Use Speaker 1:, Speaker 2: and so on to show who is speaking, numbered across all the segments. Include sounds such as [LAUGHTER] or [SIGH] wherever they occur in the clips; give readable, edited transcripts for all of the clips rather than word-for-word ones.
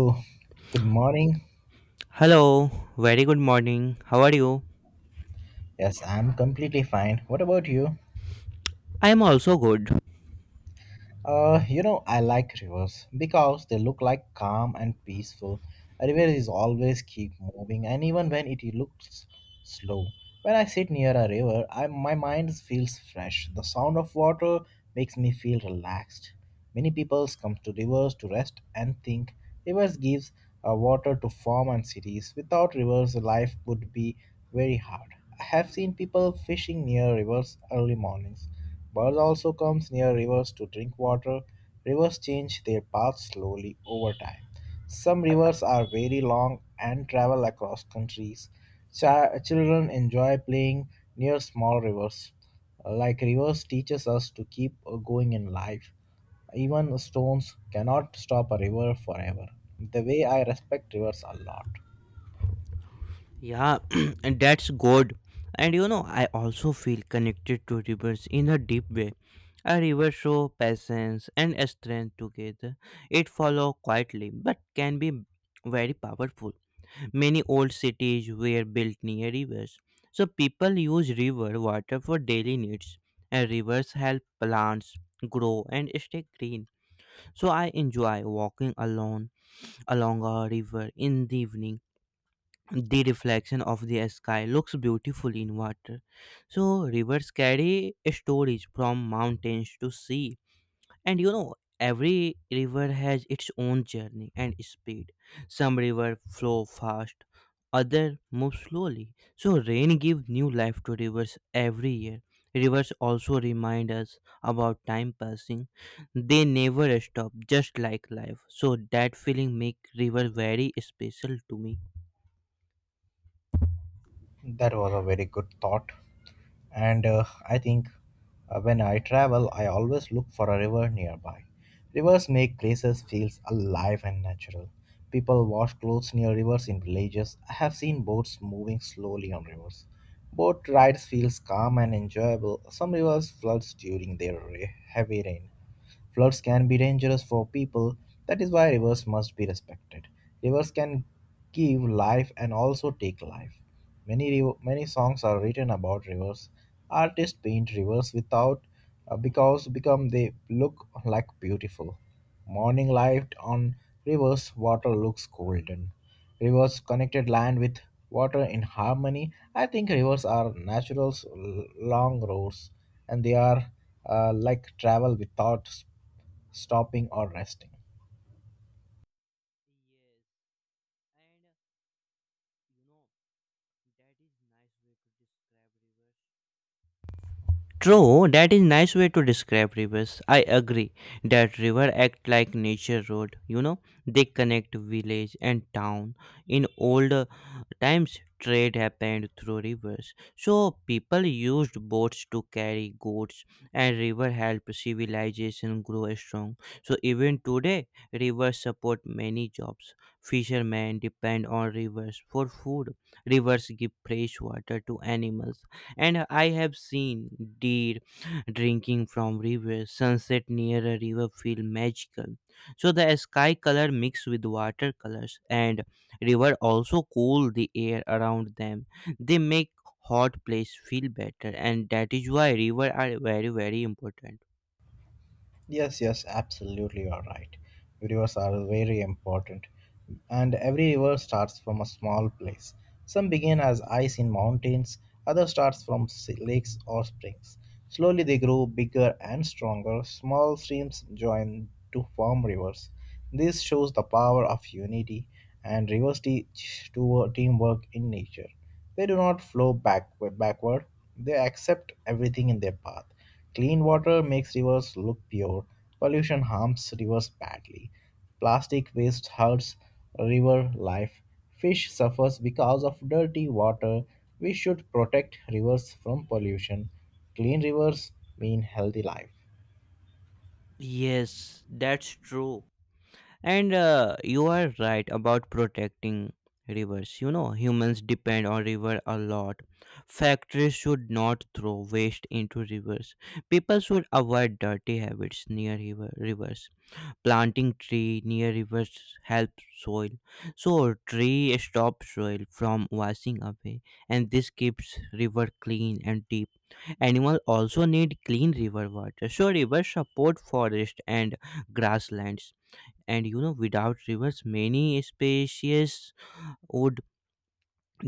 Speaker 1: Oh, good morning.
Speaker 2: Hello, very good morning. How are you?
Speaker 1: Yes, I'm completely fine. What about you?
Speaker 2: I am also good.
Speaker 1: I like rivers because they look like calm and peaceful. A river is always keep moving, and even when it looks slow, when I sit near a river, I, my mind feels fresh. The sound of water makes me feel relaxed. Many peoples come to rivers to rest and think. Rivers gives water to farm and cities. Without rivers, life would be very hard. I have seen people fishing near rivers early mornings. Birds also comes near rivers to drink water. Rivers change their paths slowly over time. Some rivers are very long and travel across countries. Children enjoy playing near small rivers. Like rivers teaches us to keep going in life. Even stones cannot stop a river forever. The way I respect rivers a lot.
Speaker 2: Yeah, [CLEARS THROAT] and that's good. And you know, I also feel connected to rivers in a deep way. A river show patience and strength together. It follow quietly but can be very powerful. Many old cities were built near rivers. So people use river water for daily needs. And rivers help plants grow and stay green. So I enjoy walking alone along a river in the evening. The reflection of the sky looks beautiful in water. So, rivers carry stories from mountains to sea and you know, every river has its own journey and speed. Some river flow fast, other move slowly. So rain gives new life to rivers every year. Rivers also remind us about time passing. They never stop, just like life. So that feeling make river very special to me.
Speaker 1: That was a very good thought. And I think when I travel, I always look for a river nearby. Rivers make places feel alive and natural. People wash clothes near rivers in villages. I have seen boats moving slowly on rivers. Boat rides feels calm and enjoyable. Some rivers floods during their heavy rain. Floods can be dangerous for people. That is why rivers must be respected. Rivers can give life and also take life. Many songs are written about rivers. Artists paint rivers without because become they look like beautiful. Morning light on rivers water looks golden. Rivers connected land with water in harmony. I think rivers are natural long roads, and they are like travel without stopping or resting.
Speaker 2: Yes, and you know that is nice way to describe rivers. True, that is nice way to describe rivers. I agree that river act like nature road. You know, they connect village and town. In old times, trade happened through rivers. So people used boats to carry goods, and river helped civilization grow strong. So even today, rivers support many jobs. Fishermen depend on rivers for food. Rivers give fresh water to animals and I have seen deer drinking from rivers. Sunset near a river feel magical. So the sky color mixed with water colors and river also cool the air around them. They make hot place feel better and that is why river are very very important.
Speaker 1: Yes, yes, absolutely, you are right. Rivers are very important, and every river starts from a small place. Some begin as ice in mountains, others starts from lakes or springs. Slowly they grow bigger and stronger. Small streams join to form rivers. This shows the power of unity, and rivers teach to teamwork in nature. They do not flow back backward. They accept everything in their path. Clean water makes rivers look pure. Pollution harms rivers badly. Plastic waste hurts river life. Fish suffers because of dirty water. We should protect rivers from pollution. Clean rivers mean healthy life.
Speaker 2: Yes, that's true. And you are right about protecting rivers. You know, humans depend on river a lot. Factories should not throw waste into rivers. People should avoid dirty habits near rivers. Planting tree near rivers helps soil. So tree stops soil from washing away and this keeps river clean and deep. Animals also need clean river water. So rivers support forest and grasslands and you know without rivers many species would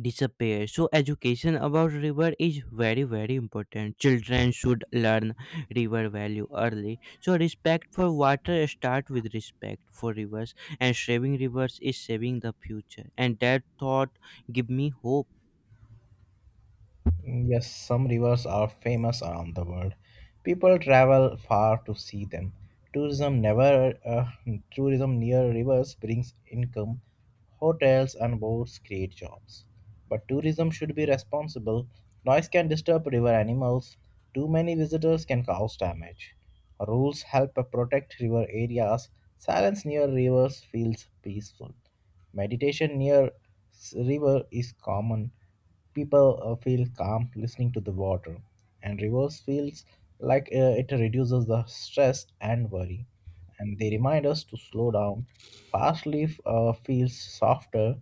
Speaker 2: disappear. So education about river is very very important. Children should learn river value early, so respect for water start with respect for rivers, and saving rivers is saving the future, and that thought give me hope.
Speaker 1: Yes, some rivers are famous around the world. People travel far to see them. Tourism never tourism near rivers brings income. Hotels and boats create jobs. But tourism should be responsible. Noise can disturb river animals. Too many visitors can cause damage. Rules help protect river areas. Silence near rivers feels peaceful. Meditation near river is common. People feel calm listening to the water, and rivers feels like it reduces the stress and worry, and they remind us to slow down. Fast leaf feels softer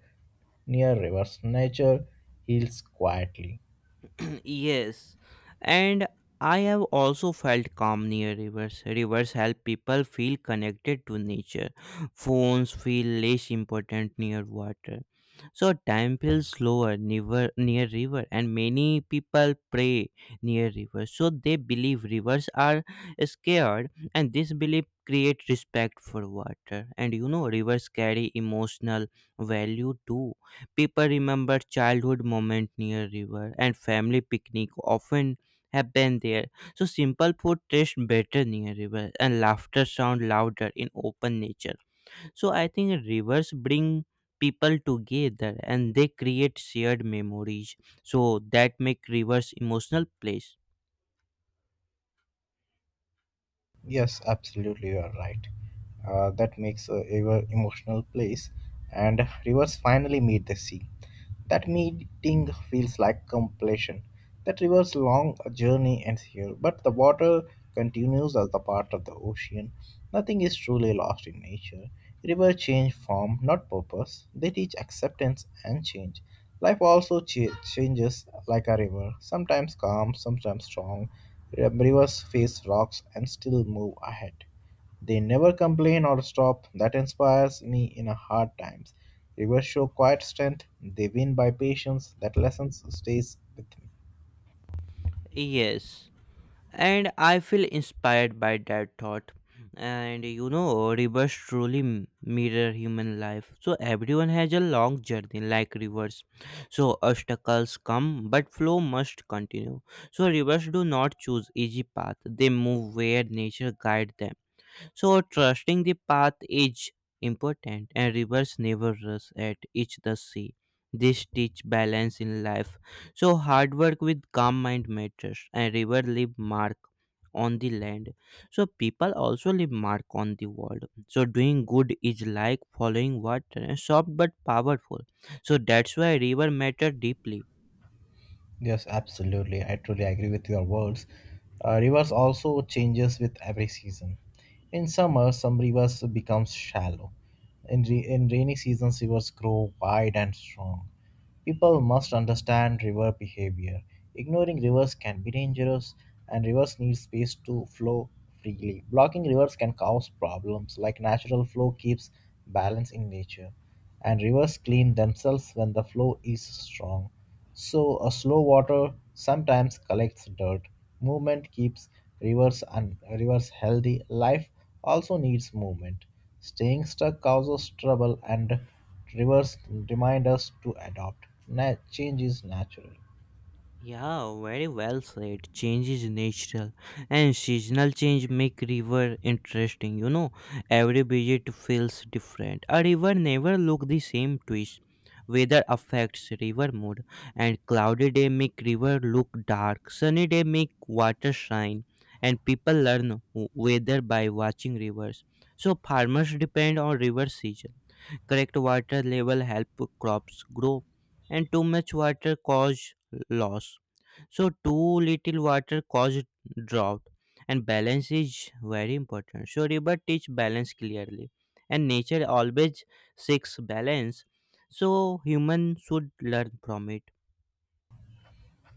Speaker 1: near rivers. Nature heals quietly.
Speaker 2: [CLEARS THROAT] Yes, and I have also felt calm near rivers. Rivers help people feel connected to nature. Phones feel less important near water. So time feels slower near river, and many people pray near rivers. So they believe rivers are scared and this belief create respect for water. And you know rivers carry emotional value too. People remember childhood moment near river and family picnic often happen there. So simple food tastes better near river and laughter sound louder in open nature. So I think rivers bring people together and they create shared memories. So that make rivers emotional place.
Speaker 1: Yes, absolutely, you are right. That makes a ever emotional place, and rivers finally meet the sea. That meeting feels like completion. That river's long journey ends here, but the water continues as the part of the ocean. Nothing is truly lost in nature. Rivers change form, not purpose. They teach acceptance and change. Life also changes like a river, sometimes calm, sometimes strong. Rivers face rocks and still move ahead. They never complain or stop. That inspires me in a hard times. Rivers show quiet strength. They win by patience. That lesson stays with me.
Speaker 2: Yes, and I feel inspired by that thought. And you know, rivers truly mirror human life. So everyone has a long journey, like rivers. So obstacles come, but flow must continue. So rivers do not choose easy path; they move where nature guides them. So trusting the path is important and rivers never rush at each the sea. This teach balance in life. So hard work with calm mind matters and river leave mark on the land. So people also leave mark on the world. So doing good is like following water, soft but powerful. So that's why river matter deeply.
Speaker 1: Yes, absolutely. I truly agree with your words. Rivers also changes with every season. In summer, some rivers become shallow. In, in rainy seasons, rivers grow wide and strong. People must understand river behavior. Ignoring rivers can be dangerous, and rivers need space to flow freely. Blocking rivers can cause problems, like natural flow keeps balance in nature, and rivers clean themselves when the flow is strong. So, a slow water sometimes collects dirt. Movement keeps rivers and rivers healthy. Life also needs movement. Staying stuck causes trouble, and rivers remind us to adopt. Change is natural.
Speaker 2: Yeah, very well said. Change is natural, and seasonal change make river interesting. You know, every visit feels different. A river never look the same twist. Weather affects river mood, and cloudy day make river look dark. Sunny day make water shine, and people learn weather by watching rivers. So farmers depend on river season. Correct water level help crops grow, and too much water cause loss. So too little water caused drought and balance is very important. So river teach balance clearly and nature always seeks balance. So human should learn from it.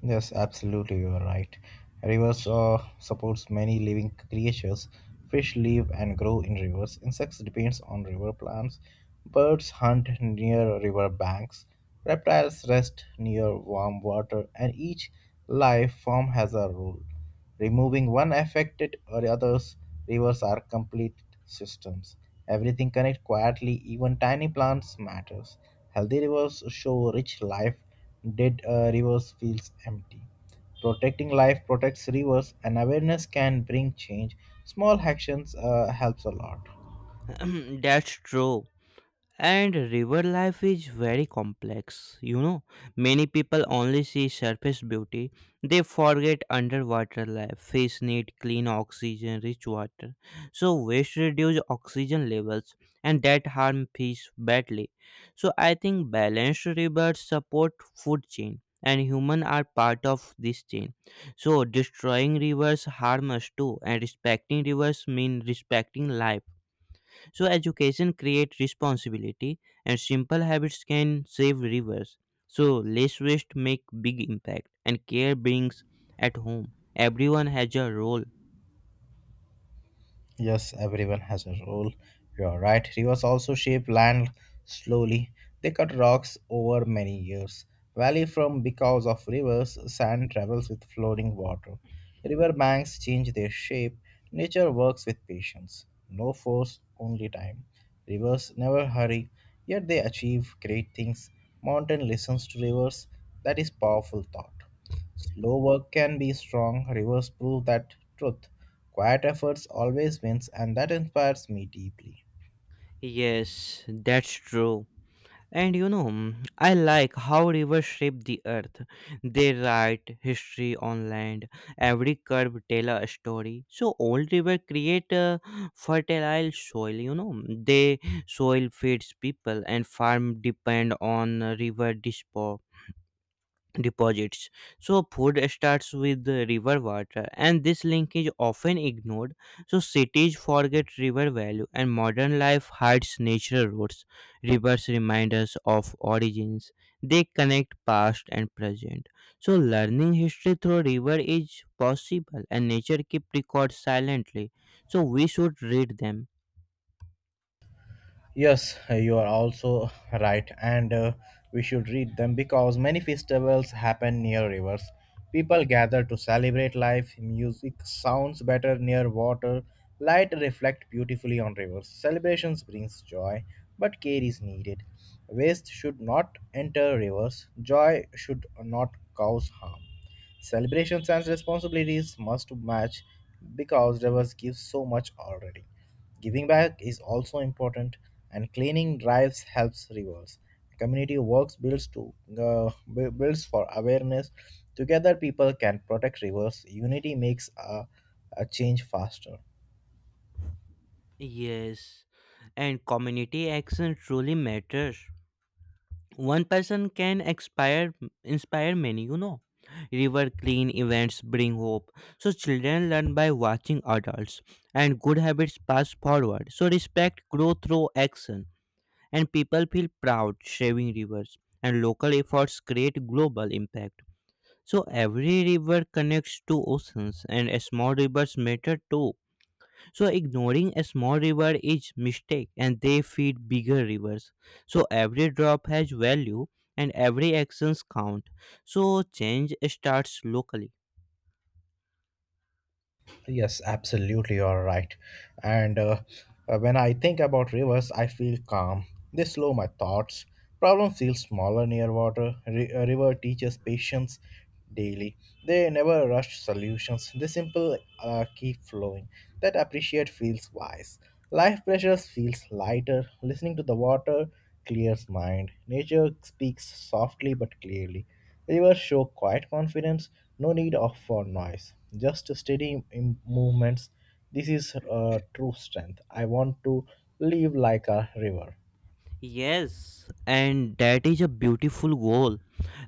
Speaker 1: Yes, absolutely, you are right. Rivers supports many living creatures. Fish live and grow in rivers. Insects depends on river plants. Birds hunt near river banks. Reptiles rest near warm water, and each life form has a role. Removing one affected or others rivers are complete systems. Everything connects quietly, even tiny plants matters. Healthy rivers show rich life, dead rivers feels empty. Protecting life protects rivers and awareness can bring change. Small actions helps a lot.
Speaker 2: [CLEARS THROAT] That's true. And river life is very complex. You know, many people only see surface beauty. They forget underwater life. Fish need clean oxygen, rich water. So waste reduce oxygen levels and that harm fish badly. So I think balanced rivers support food chain and human are part of this chain. So destroying rivers harm us too and respecting rivers mean respecting life. So education creates responsibility and simple habits can save rivers. So less waste make big impact and care brings at home. Everyone has a role.
Speaker 1: Yes, everyone has a role. You're right. Rivers also shape land slowly. They cut rocks over many years. Valley from because of rivers, sand travels with floating water. River banks change their shape. Nature works with patience. No force, only time. Rivers never hurry, yet they achieve great things. Mountain listens to rivers. That is powerful thought. Slow work can be strong. Rivers prove that truth. Quiet efforts always wins, and that inspires me deeply.
Speaker 2: Yes, that's true. And you know, mm, I like how rivers shape the earth. They write history on land. Every curve tell a story. So old river create a fertile soil. You know, they soil feeds people and farm depend on river dispo deposits. So food starts with the river water, and this link is often ignored. So cities forget river value, and modern life hides natural roads. Rivers remind us of origins; they connect past and present. So learning history through river is possible, and nature keeps records silently. So we should read them.
Speaker 1: Yes, you are also right, and we should read them because many festivals happen near rivers. People gather to celebrate life. Music sounds better near water. Light reflect beautifully on rivers. Celebrations brings joy, but care is needed. Waste should not enter rivers. Joy should not cause harm. Celebrations and responsibilities must match because rivers give so much already. Giving back is also important, and cleaning drives helps rivers. Community works builds to builds for awareness. Together, people can protect rivers. Unity makes a change faster.
Speaker 2: Yes, and community action truly matters. One person can inspire many, you know. River clean events bring hope, so children learn by watching adults and good habits pass forward, so respect grow through action and people feel proud saving rivers, and local efforts create global impact. So every river connects to oceans and small rivers matter too, so ignoring a small river is mistake and they feed bigger rivers. So every drop has value and every actions count, so change starts locally.
Speaker 1: Yes, absolutely, you're right. And when I think about rivers, I feel calm. They slow my thoughts. Problems feel smaller near water. A river teaches patience daily. They never rush solutions. They simple keep flowing. That appreciate feels wise. Life pressures feels lighter. Listening to the water clears mind. Nature speaks softly but clearly. Rivers show quiet confidence, no need of for noise, just steady movements. This is true strength. I want to live like a river.
Speaker 2: Yes, and that is a beautiful goal.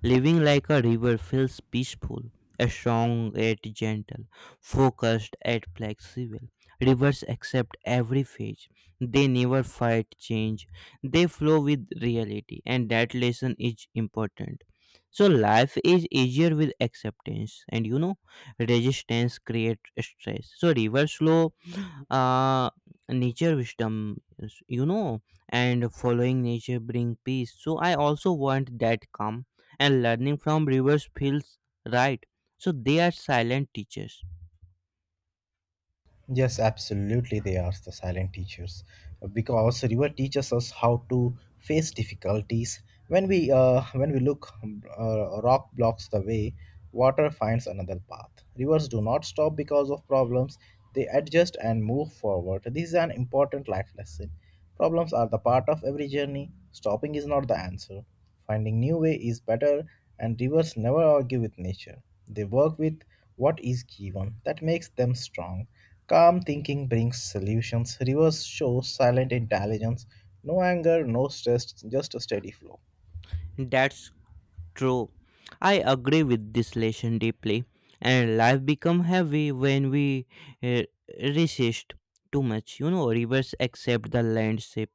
Speaker 2: Living like a river feels peaceful, strong yet gentle, focused yet flexible. Rivers accept every phase. They never fight change. They flow with reality, and that lesson is important. So life is easier with acceptance, and you know, resistance creates stress. So rivers flow, uh nature wisdom you know, and following nature bring peace, so I also want that calm, and learning from rivers feels right. So they are silent teachers.
Speaker 1: Yes, absolutely, they are the silent teachers because river teaches us how to face difficulties. When we look, rock blocks the way, water finds another path. Rivers do not stop because of problems; they adjust and move forward. This is an important life lesson. Problems are the part of every journey. Stopping is not the answer. Finding new way is better, and rivers never argue with nature. They work with what is given. That makes them strong. Calm thinking brings solutions. Rivers show silent intelligence. No anger, no stress, just a steady flow.
Speaker 2: That's true. I agree with this lesson deeply, and life become heavy when we uh, resist too much, you know. Rivers accept the landscape,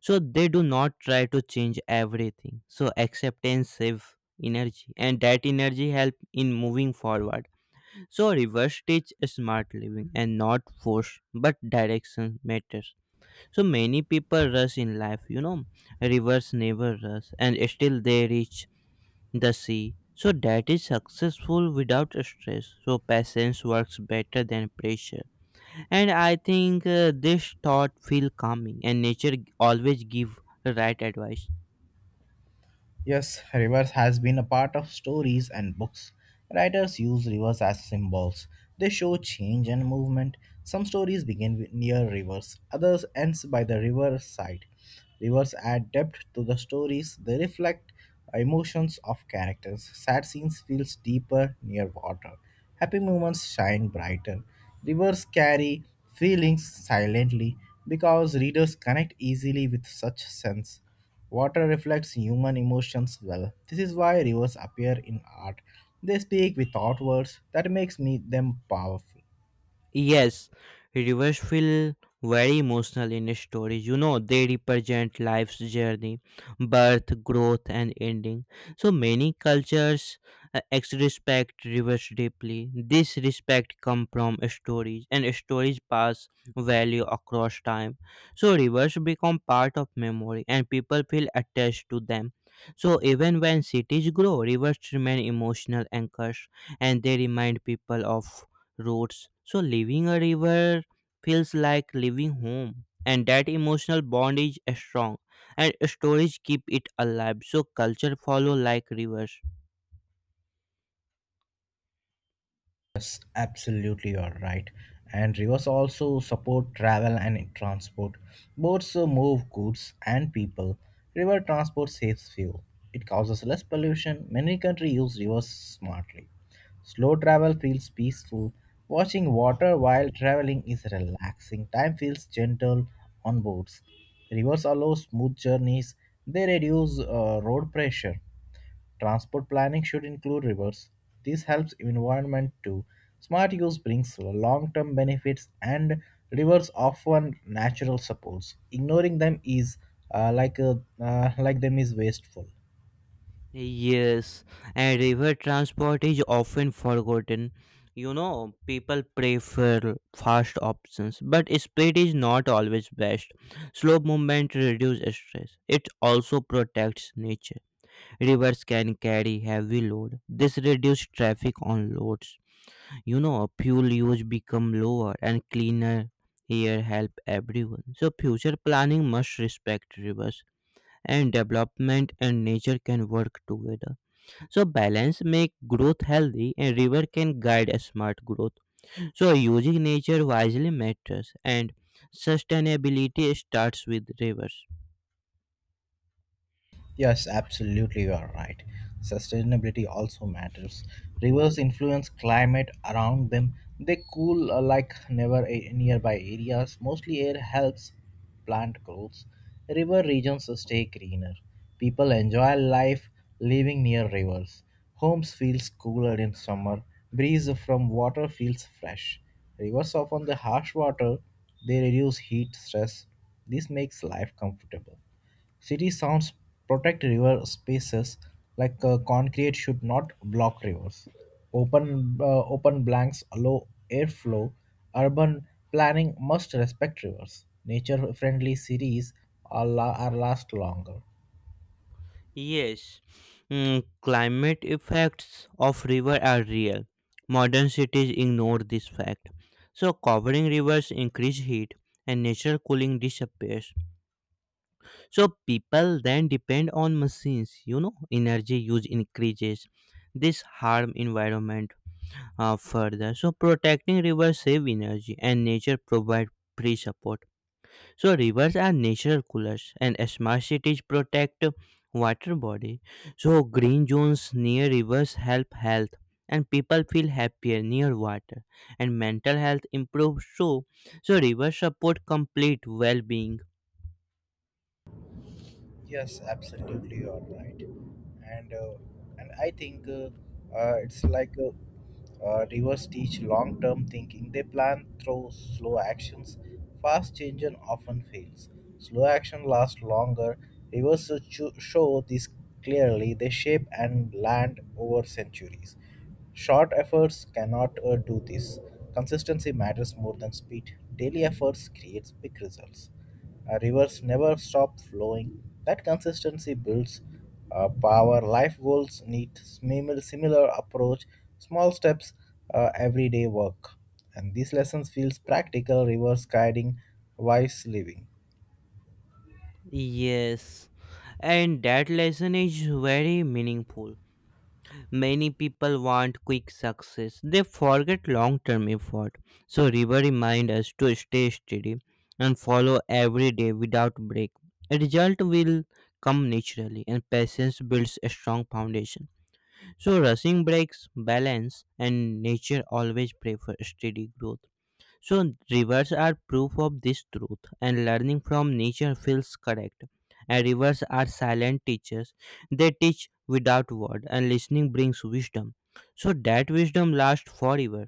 Speaker 2: so they do not try to change everything, so acceptance save energy and that energy help in moving forward. So reverse teach smart living and not force, but direction matters. So many people rush in life, you know. Rivers never rush and still they reach the sea, so that is successful without stress, so patience works better than pressure. And I think this thought feel calming and nature always give right advice.
Speaker 1: Yes, rivers has been a part of stories and books. Writers use rivers as symbols. They show change and movement. Some stories begin with near rivers, others ends by the riverside. Rivers add depth to the stories. They reflect emotions of characters. Sad scenes feels deeper near water. Happy moments shine brighter. Rivers carry feelings silently because readers connect easily with such sense. Water reflects human emotions well. This is why rivers appear in art. They speak without words. That makes me them powerful.
Speaker 2: Yes, rivers feel very emotional in stories. You know, they represent life's journey, birth, growth, and ending. So many cultures respect rivers deeply. This respect comes from stories, and stories pass value across time. So rivers become part of memory, and people feel attached to them. So even when cities grow, rivers remain emotional anchors, and they remind people of roots. So leaving a river feels like leaving home, and that emotional bond is strong, and stories keep it alive. So culture follow like rivers.
Speaker 1: Yes, absolutely, you're right. And rivers also support travel and transport. Boats move goods and people. River transport saves fuel. It causes less pollution. Many countries use rivers smartly. Slow travel feels peaceful. Watching water while traveling is relaxing. Time feels gentle on boats. Rivers allow smooth journeys. They reduce road pressure. Transport planning should include rivers. This helps environment too. Smart use brings long-term benefits and rivers offer natural supports. Ignoring them is uh, like uh, like them is wasteful.
Speaker 2: Yes, and river transport is often forgotten. You know, people prefer fast options, but speed is not always best. Slow movement reduces stress. It also protects nature. Rivers can carry heavy load. This reduces traffic on roads. You know, fuel use become lower and cleaner air help everyone. So future planning must respect rivers and development and nature can work together, so balance make growth healthy and river can guide a smart growth. So using nature wisely matters and sustainability starts with rivers.
Speaker 1: Yes, absolutely, you are right. Sustainability also matters. Rivers influence climate around them. They cool like never nearby areas. Mostly air helps plant growth. River regions stay greener. People enjoy life living near rivers. Homes feels cooler in summer. Breeze from water feels fresh. Rivers often the harsh water. They reduce heat stress. This makes life comfortable. City sounds protect river spaces like concrete should not block rivers. Open blanks allow airflow. Urban planning must respect rivers. Nature friendly cities are, are last longer.
Speaker 2: Yes, mm, climate effects of river are real. Modern cities ignore this fact. So covering rivers increase heat and natural cooling disappears. So people then depend on machines, you know, energy use increases. This harm environment further. So protecting rivers save energy and nature provide free support. So rivers are natural coolers and smart cities protect water body. So green zones near rivers help health and people feel happier near water and mental health improves too. So rivers support complete well-being.
Speaker 1: Yes, absolutely, you are right. And I think it's like rivers teach long-term thinking. They plan through slow actions. Fast change and often fails. Slow action lasts longer. Rivers show this clearly. They shape and land over centuries. Short efforts cannot do this. Consistency matters more than speed. Daily efforts creates big results. Rivers never stop flowing. That consistency builds power. Life goals need similar approach. Small steps, everyday work, and these lessons feels practical. Rivers guiding wise living.
Speaker 2: Yes, and that lesson is very meaningful. Many people want quick success. They forget long term effort. So, River reminds us to stay steady and follow every day without break. A result will come naturally, and patience builds a strong foundation. So, rushing breaks balance, and nature always prefers steady growth. So, rivers are proof of this truth, and learning from nature feels correct. And rivers are silent teachers, they teach without word, and listening brings wisdom. So, that wisdom lasts forever.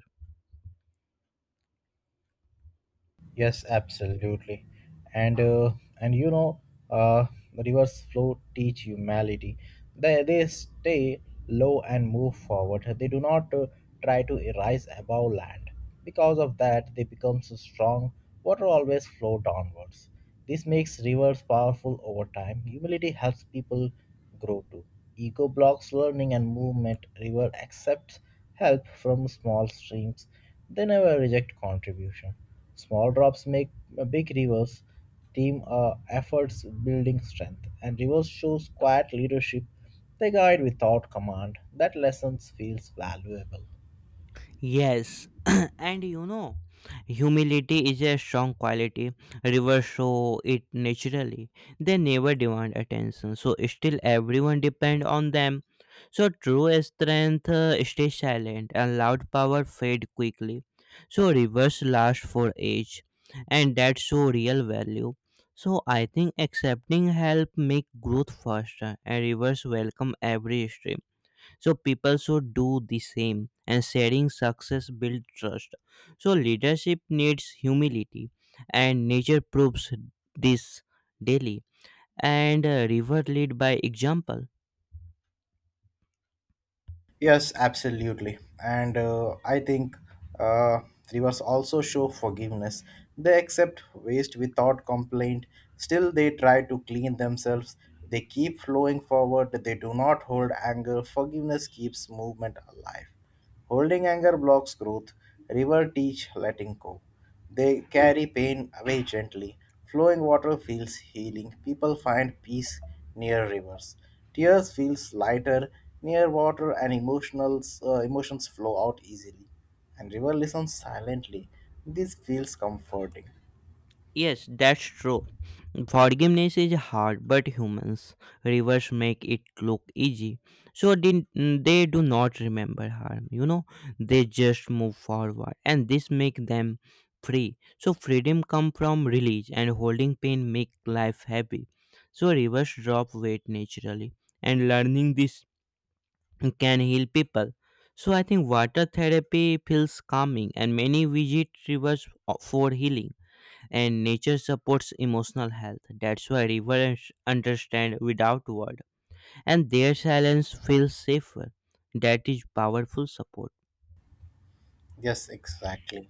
Speaker 1: Yes, absolutely. And and you know, uh, the rivers flow teach humility. They stay low and move forward. They do not try to rise above land. Because of that, they become so strong. Water always flow downwards. This makes rivers powerful over time. Humility helps people grow too. Ego blocks learning and movement. River accepts help from small streams. They never reject contribution. Small drops make big rivers. Team efforts building strength, and rivers shows quiet leadership. They guide without command. That lessons feels valuable.
Speaker 2: Yes, [CLEARS THROAT] and you know, humility is a strong quality. Rivers show it naturally. They never demand attention, so still everyone depend on them. So true strength stays silent, and loud power fade quickly. So rivers last for age, and that show real value. So I think accepting help make growth faster, and rivers welcome every stream, so people should do the same, and sharing success builds trust, so leadership needs humility, and nature proves this daily. And river lead by example.
Speaker 1: Yes, absolutely. And I think uh, rivers also show forgiveness. They accept waste without complaint. Still, they try to clean themselves. They keep flowing forward. They do not hold anger. Forgiveness keeps movement alive. Holding anger blocks growth, river teach letting go. They carry pain away gently. Flowing water feels healing. People find peace near rivers. Tears feels lighter near water and emotions flow out easily. And river listens silently. This feels comforting.
Speaker 2: Yes, that's true. Forgiveness is hard, but humans reverse make it look easy. So did they do not remember harm, you know? They just move forward, and this make them free. So freedom come from release, and holding pain make life heavy. So reverse drop weight naturally, and learning this can heal people. So I think water therapy feels calming, and many visit rivers for healing, and nature supports emotional health. That's why rivers understand without word, and their silence feels safer. That is powerful support.
Speaker 1: Yes, exactly.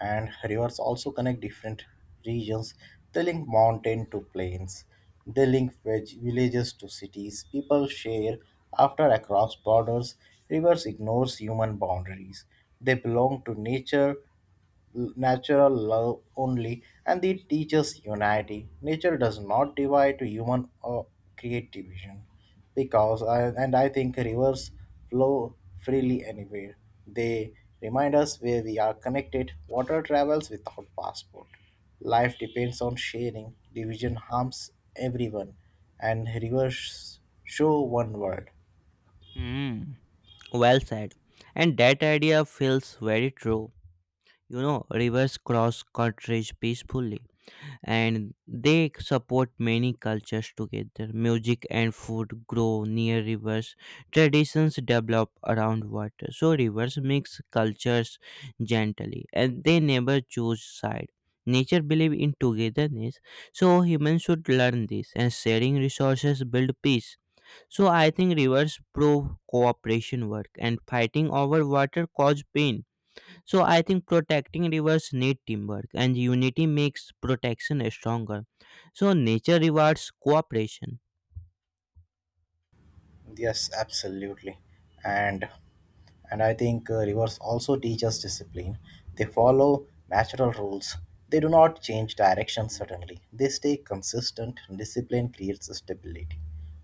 Speaker 1: And rivers also connect different regions. They link mountain to plains. They link villages to cities. People share after across borders. Rivers ignores human boundaries. They belong to nature natural love only, and it teaches unity. Nature does not divide to human or create division because I think rivers flow freely anywhere. They remind us where we are connected. Water travels without passport. Life depends on sharing. Division harms everyone, and rivers show one world.
Speaker 2: Hmm. Well said. And that idea feels very true. You know, rivers cross countries peacefully, and they support many cultures together. Music and food grow near rivers. Traditions develop around water. So rivers mix cultures gently, and they never choose side. Nature believes in togetherness, so humans should learn this, and sharing resources build peace. So I think rivers prove cooperation work, and fighting over water cause pain. So I think protecting rivers need teamwork, and unity makes protection stronger. So nature rewards cooperation.
Speaker 1: Yes, absolutely. And and I think rivers also teach us discipline. They follow natural rules. They do not change direction suddenly. They stay consistent. Discipline creates stability.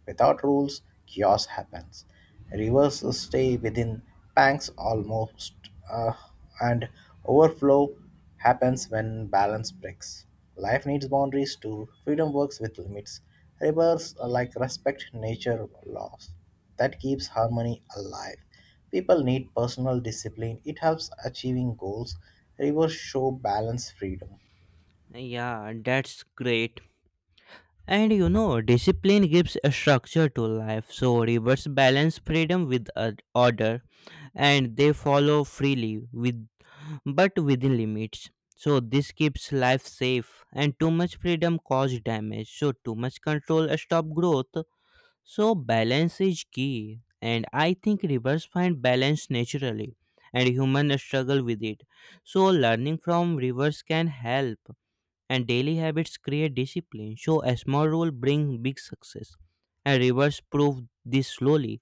Speaker 1: Without rules, chaos happens. Rivers stay within banks almost, uh, and overflow happens when balance breaks. Life needs boundaries too. Freedom works with limits. Rivers are like respect nature laws. That keeps harmony alive. People need personal discipline. It helps achieving goals. Rivers show balance freedom.
Speaker 2: Yeah, that's great. And you know, discipline gives a structure to life. So rivers balance freedom with order, and they follow freely with but within limits. So this keeps life safe, and too much freedom cause damage. So too much control stop growth. So balance is key, and I think rivers find balance naturally, and humans struggle with it. So learning from rivers can help, and daily habits create discipline. So a small rule bring big success, and rivers prove this slowly.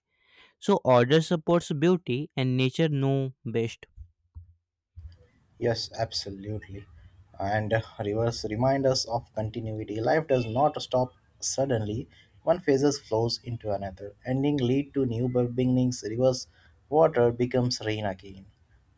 Speaker 2: So order supports beauty, and nature know best.
Speaker 1: Yes, absolutely. And Reverse remind us of continuity. Life does not stop suddenly. One phases flows into another. Ending lead to new beginnings. Rivers' water becomes rain again.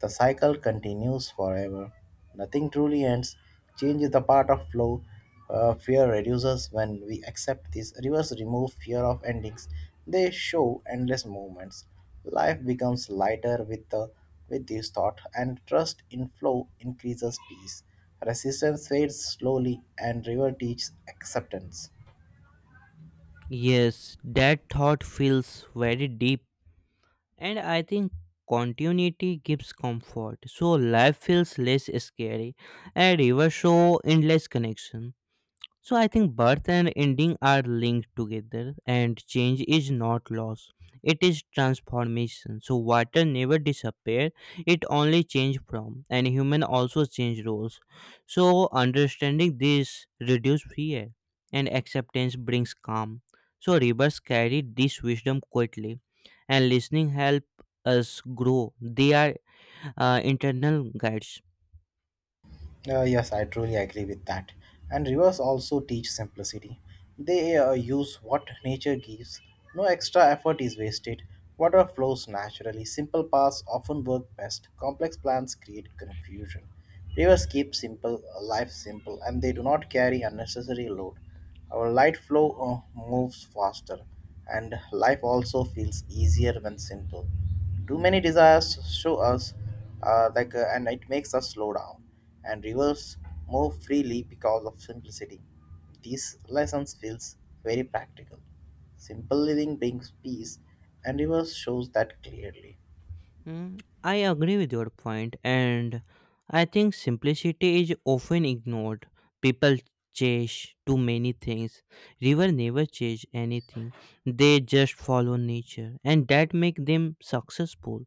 Speaker 1: The cycle continues forever. Nothing truly ends. Change is the part of flow. Fear reduces when we accept this. Rivers remove fear of endings. They show endless movements. Life becomes lighter with the with this thought, and trust in flow increases peace. Resistance fades slowly, and river teaches acceptance.
Speaker 2: Yes, that thought feels very deep, and I think continuity gives comfort, so life feels less scary. A river show endless connection, so I think birth and ending are linked together, and change is not loss; it is transformation. So water never disappear; it only change from, and human also change roles. So understanding this reduce fear, and acceptance brings calm. So rivers carry this wisdom quietly, and listening help us grow. They are internal guides.
Speaker 1: Yes, I truly agree with that. And rivers also teach simplicity. They use what nature gives. No extra effort is wasted. Water flows naturally. Simple paths often work best. Complex plans create confusion. Rivers keep simple life simple, and they do not carry unnecessary load. Our light flow moves faster, and life also feels easier when simple. Too many desires show us and it makes us slow down and reverse more freely. Because of simplicity, these lessons feels very practical. Simple living brings peace, and reverse shows that clearly.
Speaker 2: Mm, I agree with your point, and I think simplicity is often ignored. People chase too many things. River never chase anything. They just follow nature, and that make them successful.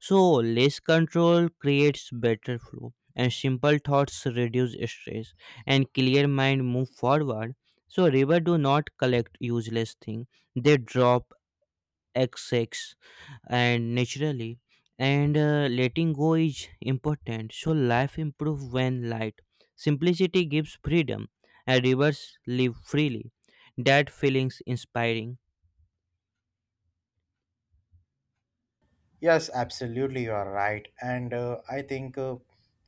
Speaker 2: So less control creates better flow, and simple thoughts reduce stress, and clear mind move forward. So river do not collect useless thing. They drop XX and naturally, and letting go is important, so life improves when light, simplicity gives freedom, and rivers live freely. That feelings inspiring.
Speaker 1: Yes, absolutely, you are right. And I think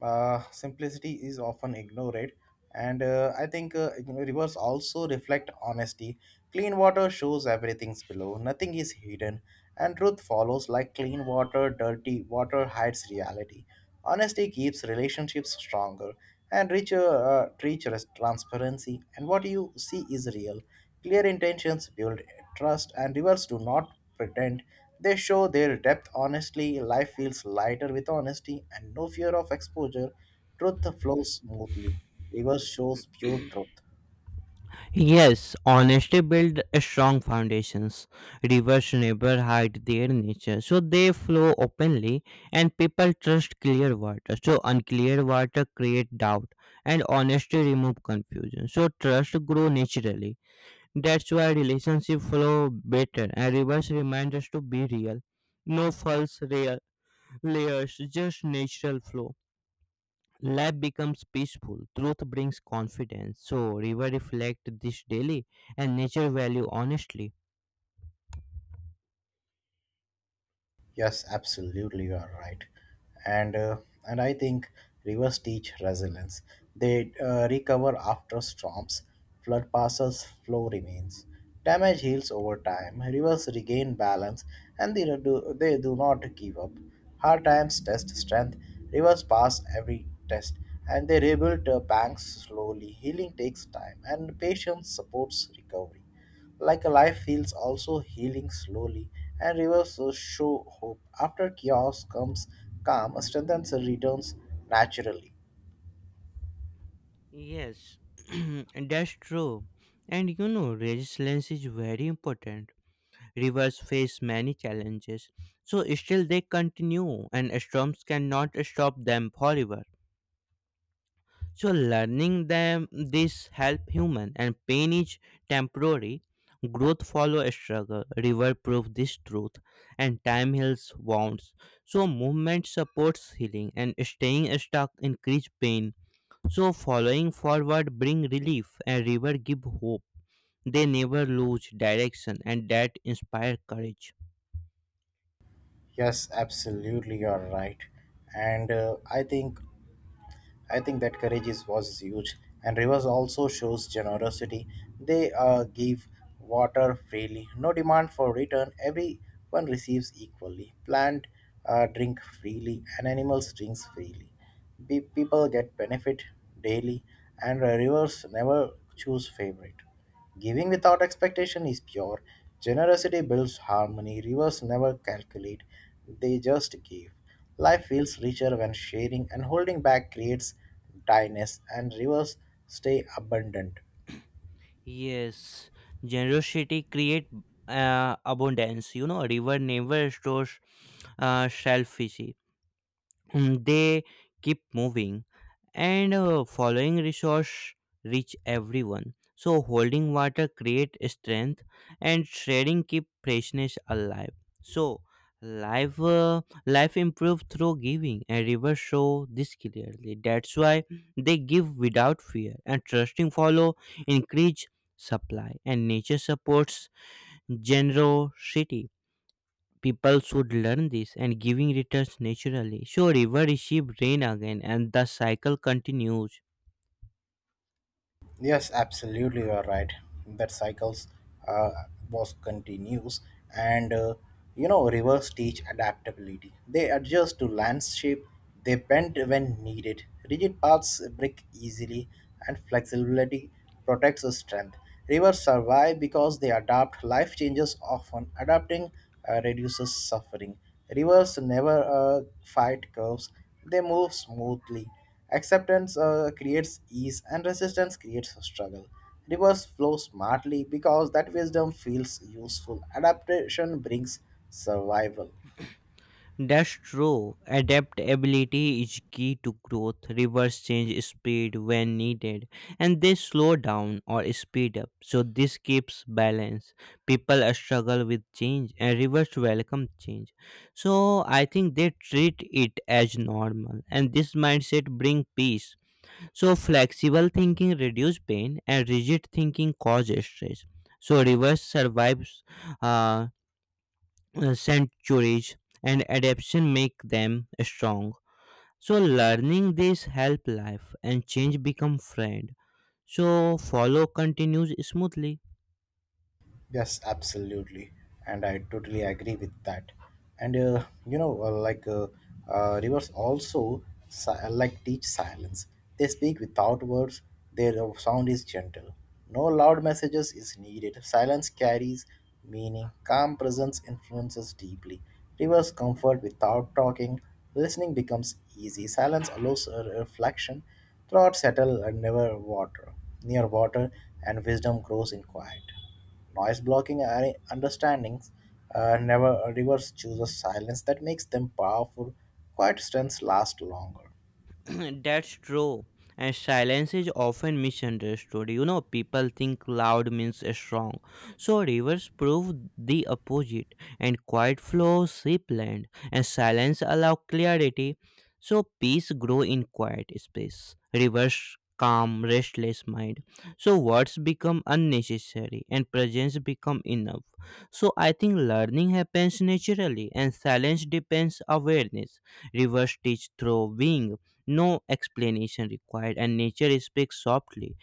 Speaker 1: Simplicity is often ignored. And I think you know, Rivers also reflect honesty. Clean water shows everything's below, nothing is hidden. And truth follows like clean water, dirty water hides reality. Honesty keeps relationships stronger and richer transparency. And what you see is real. Clear intentions build trust, and rivers do not pretend. They show their depth honestly. Life feels lighter with honesty and no fear of exposure. Truth flows smoothly. Rivers shows pure truth.
Speaker 2: Yes, honesty build strong foundations. Rivers never hide their nature, so they flow openly, and people trust clear water, so unclear water create doubt, and honesty remove confusion, so trust grow naturally. That's why relationship flow better, and reverse reminds us to be real. No false rea- Layers, just natural flow. Life becomes peaceful. Truth brings confidence. So river reflect this daily, and nature value honestly.
Speaker 1: Yes, absolutely, you are right, and uh, and I think rivers teach resilience. They recover after storms, flood passes, flow remains. Damage heals over time. Rivers regain balance, and they do not give up. Hard times test strength. Rivers pass every test, and they rebuild banks slowly. Healing takes time, and patience supports recovery. Like a life feels also healing slowly, and rivers so show hope. After chaos comes calm, strength returns naturally.
Speaker 2: Yes, [CLEARS THROAT] that's true. And you know, resilience is very important. Rivers face many challenges. So still they continue, and storms cannot stop them forever. So learning them this help human, and pain is temporary. Growth follow a struggle. River prove this truth, and time heals wounds. So movement supports healing, and staying stuck increase pain. So following forward bring relief, and river give hope. They never lose direction, and that inspire courage.
Speaker 1: Yes, absolutely, you're right. And I think that courage is, was huge. And rivers also shows generosity. They give water freely, no demand for return. Everyone receives equally. Plant drink freely, and animals drinks freely. People get benefit daily, and rivers never choose favorite. Giving without expectation is pure. Generosity builds harmony. Rivers never calculate, they just give. Life feels richer when sharing, and holding back creates dryness, and rivers stay abundant.
Speaker 2: Yes, generosity create abundance. You know, river never stores selfishy. Mm, they keep moving, and following resource reach everyone, so holding water create strength, and sharing keep freshness alive, so life life improve through giving, and rivers show this clearly. That's why they give without fear, and trusting follow increase supply, and nature supports generosity. People should learn this, and giving returns naturally, so river receive rain again, and the cycle continues.
Speaker 1: Yes, absolutely, you are right. That cycles uh, was continues, and rivers teach adaptability. They adjust to landscape. They bend when needed. Rigid paths break easily, and flexibility protects the strength. Rivers survive because they adapt. Life changes often. Adapting reduces suffering. Rivers never fight curves. They move smoothly. Acceptance creates ease, and resistance creates struggle. Rivers flow smartly because that wisdom feels useful. Adaptation brings survival.
Speaker 2: That's true, adaptability is key to growth. Rivers change speed when needed, and they slow down or speed up, so this keeps balance. People struggle with change, and rivers welcome change, so I think they treat it as normal, and this mindset bring peace. So flexible thinking reduces pain, and rigid thinking causes stress. So reverse survives uh, centuries, and adaptation make them strong. So learning this help life, and change become friend. So follow continues smoothly.
Speaker 1: Yes, absolutely, and I totally agree with that. And you know, like Rivers also teach silence. They speak without words. Their sound is gentle. No loud messages is needed. Silence carries meaning. Calm presence influences deeply. Rivers comfort without talking. Listening becomes easy. Silence allows a reflection. Thoughts settle and never water near water, and wisdom grows in quiet. Noise blocking understandings, never reverse chooses silence that makes them powerful. Quiet strengths last longer.
Speaker 2: [CLEARS THROAT] That's true. And silence is often misunderstood. You know, people think loud means strong. So rivers prove the opposite. And quiet flows sweep land. And silence allow clarity. So peace grow in quiet space. Rivers calm restless mind. So words become unnecessary, and presence become enough. So I think learning happens naturally, and silence depends awareness. Rivers teach through being, no explanation required, and nature speaks softly,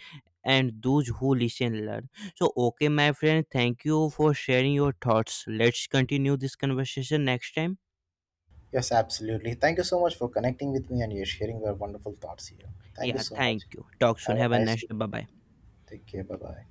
Speaker 2: and those who listen learn. So okay, my friend, thank you for sharing your thoughts. Let's continue this conversation next time.
Speaker 1: Yes, absolutely. Thank you so much for connecting with me and you sharing your wonderful thoughts here. Thank you
Speaker 2: Yeah,
Speaker 1: so
Speaker 2: thank
Speaker 1: much.
Speaker 2: you. Talk soon.
Speaker 1: Have
Speaker 2: Have
Speaker 1: a
Speaker 2: a
Speaker 1: nice
Speaker 2: nice
Speaker 1: day.
Speaker 2: day. Bye bye.
Speaker 1: Take care. Bye bye.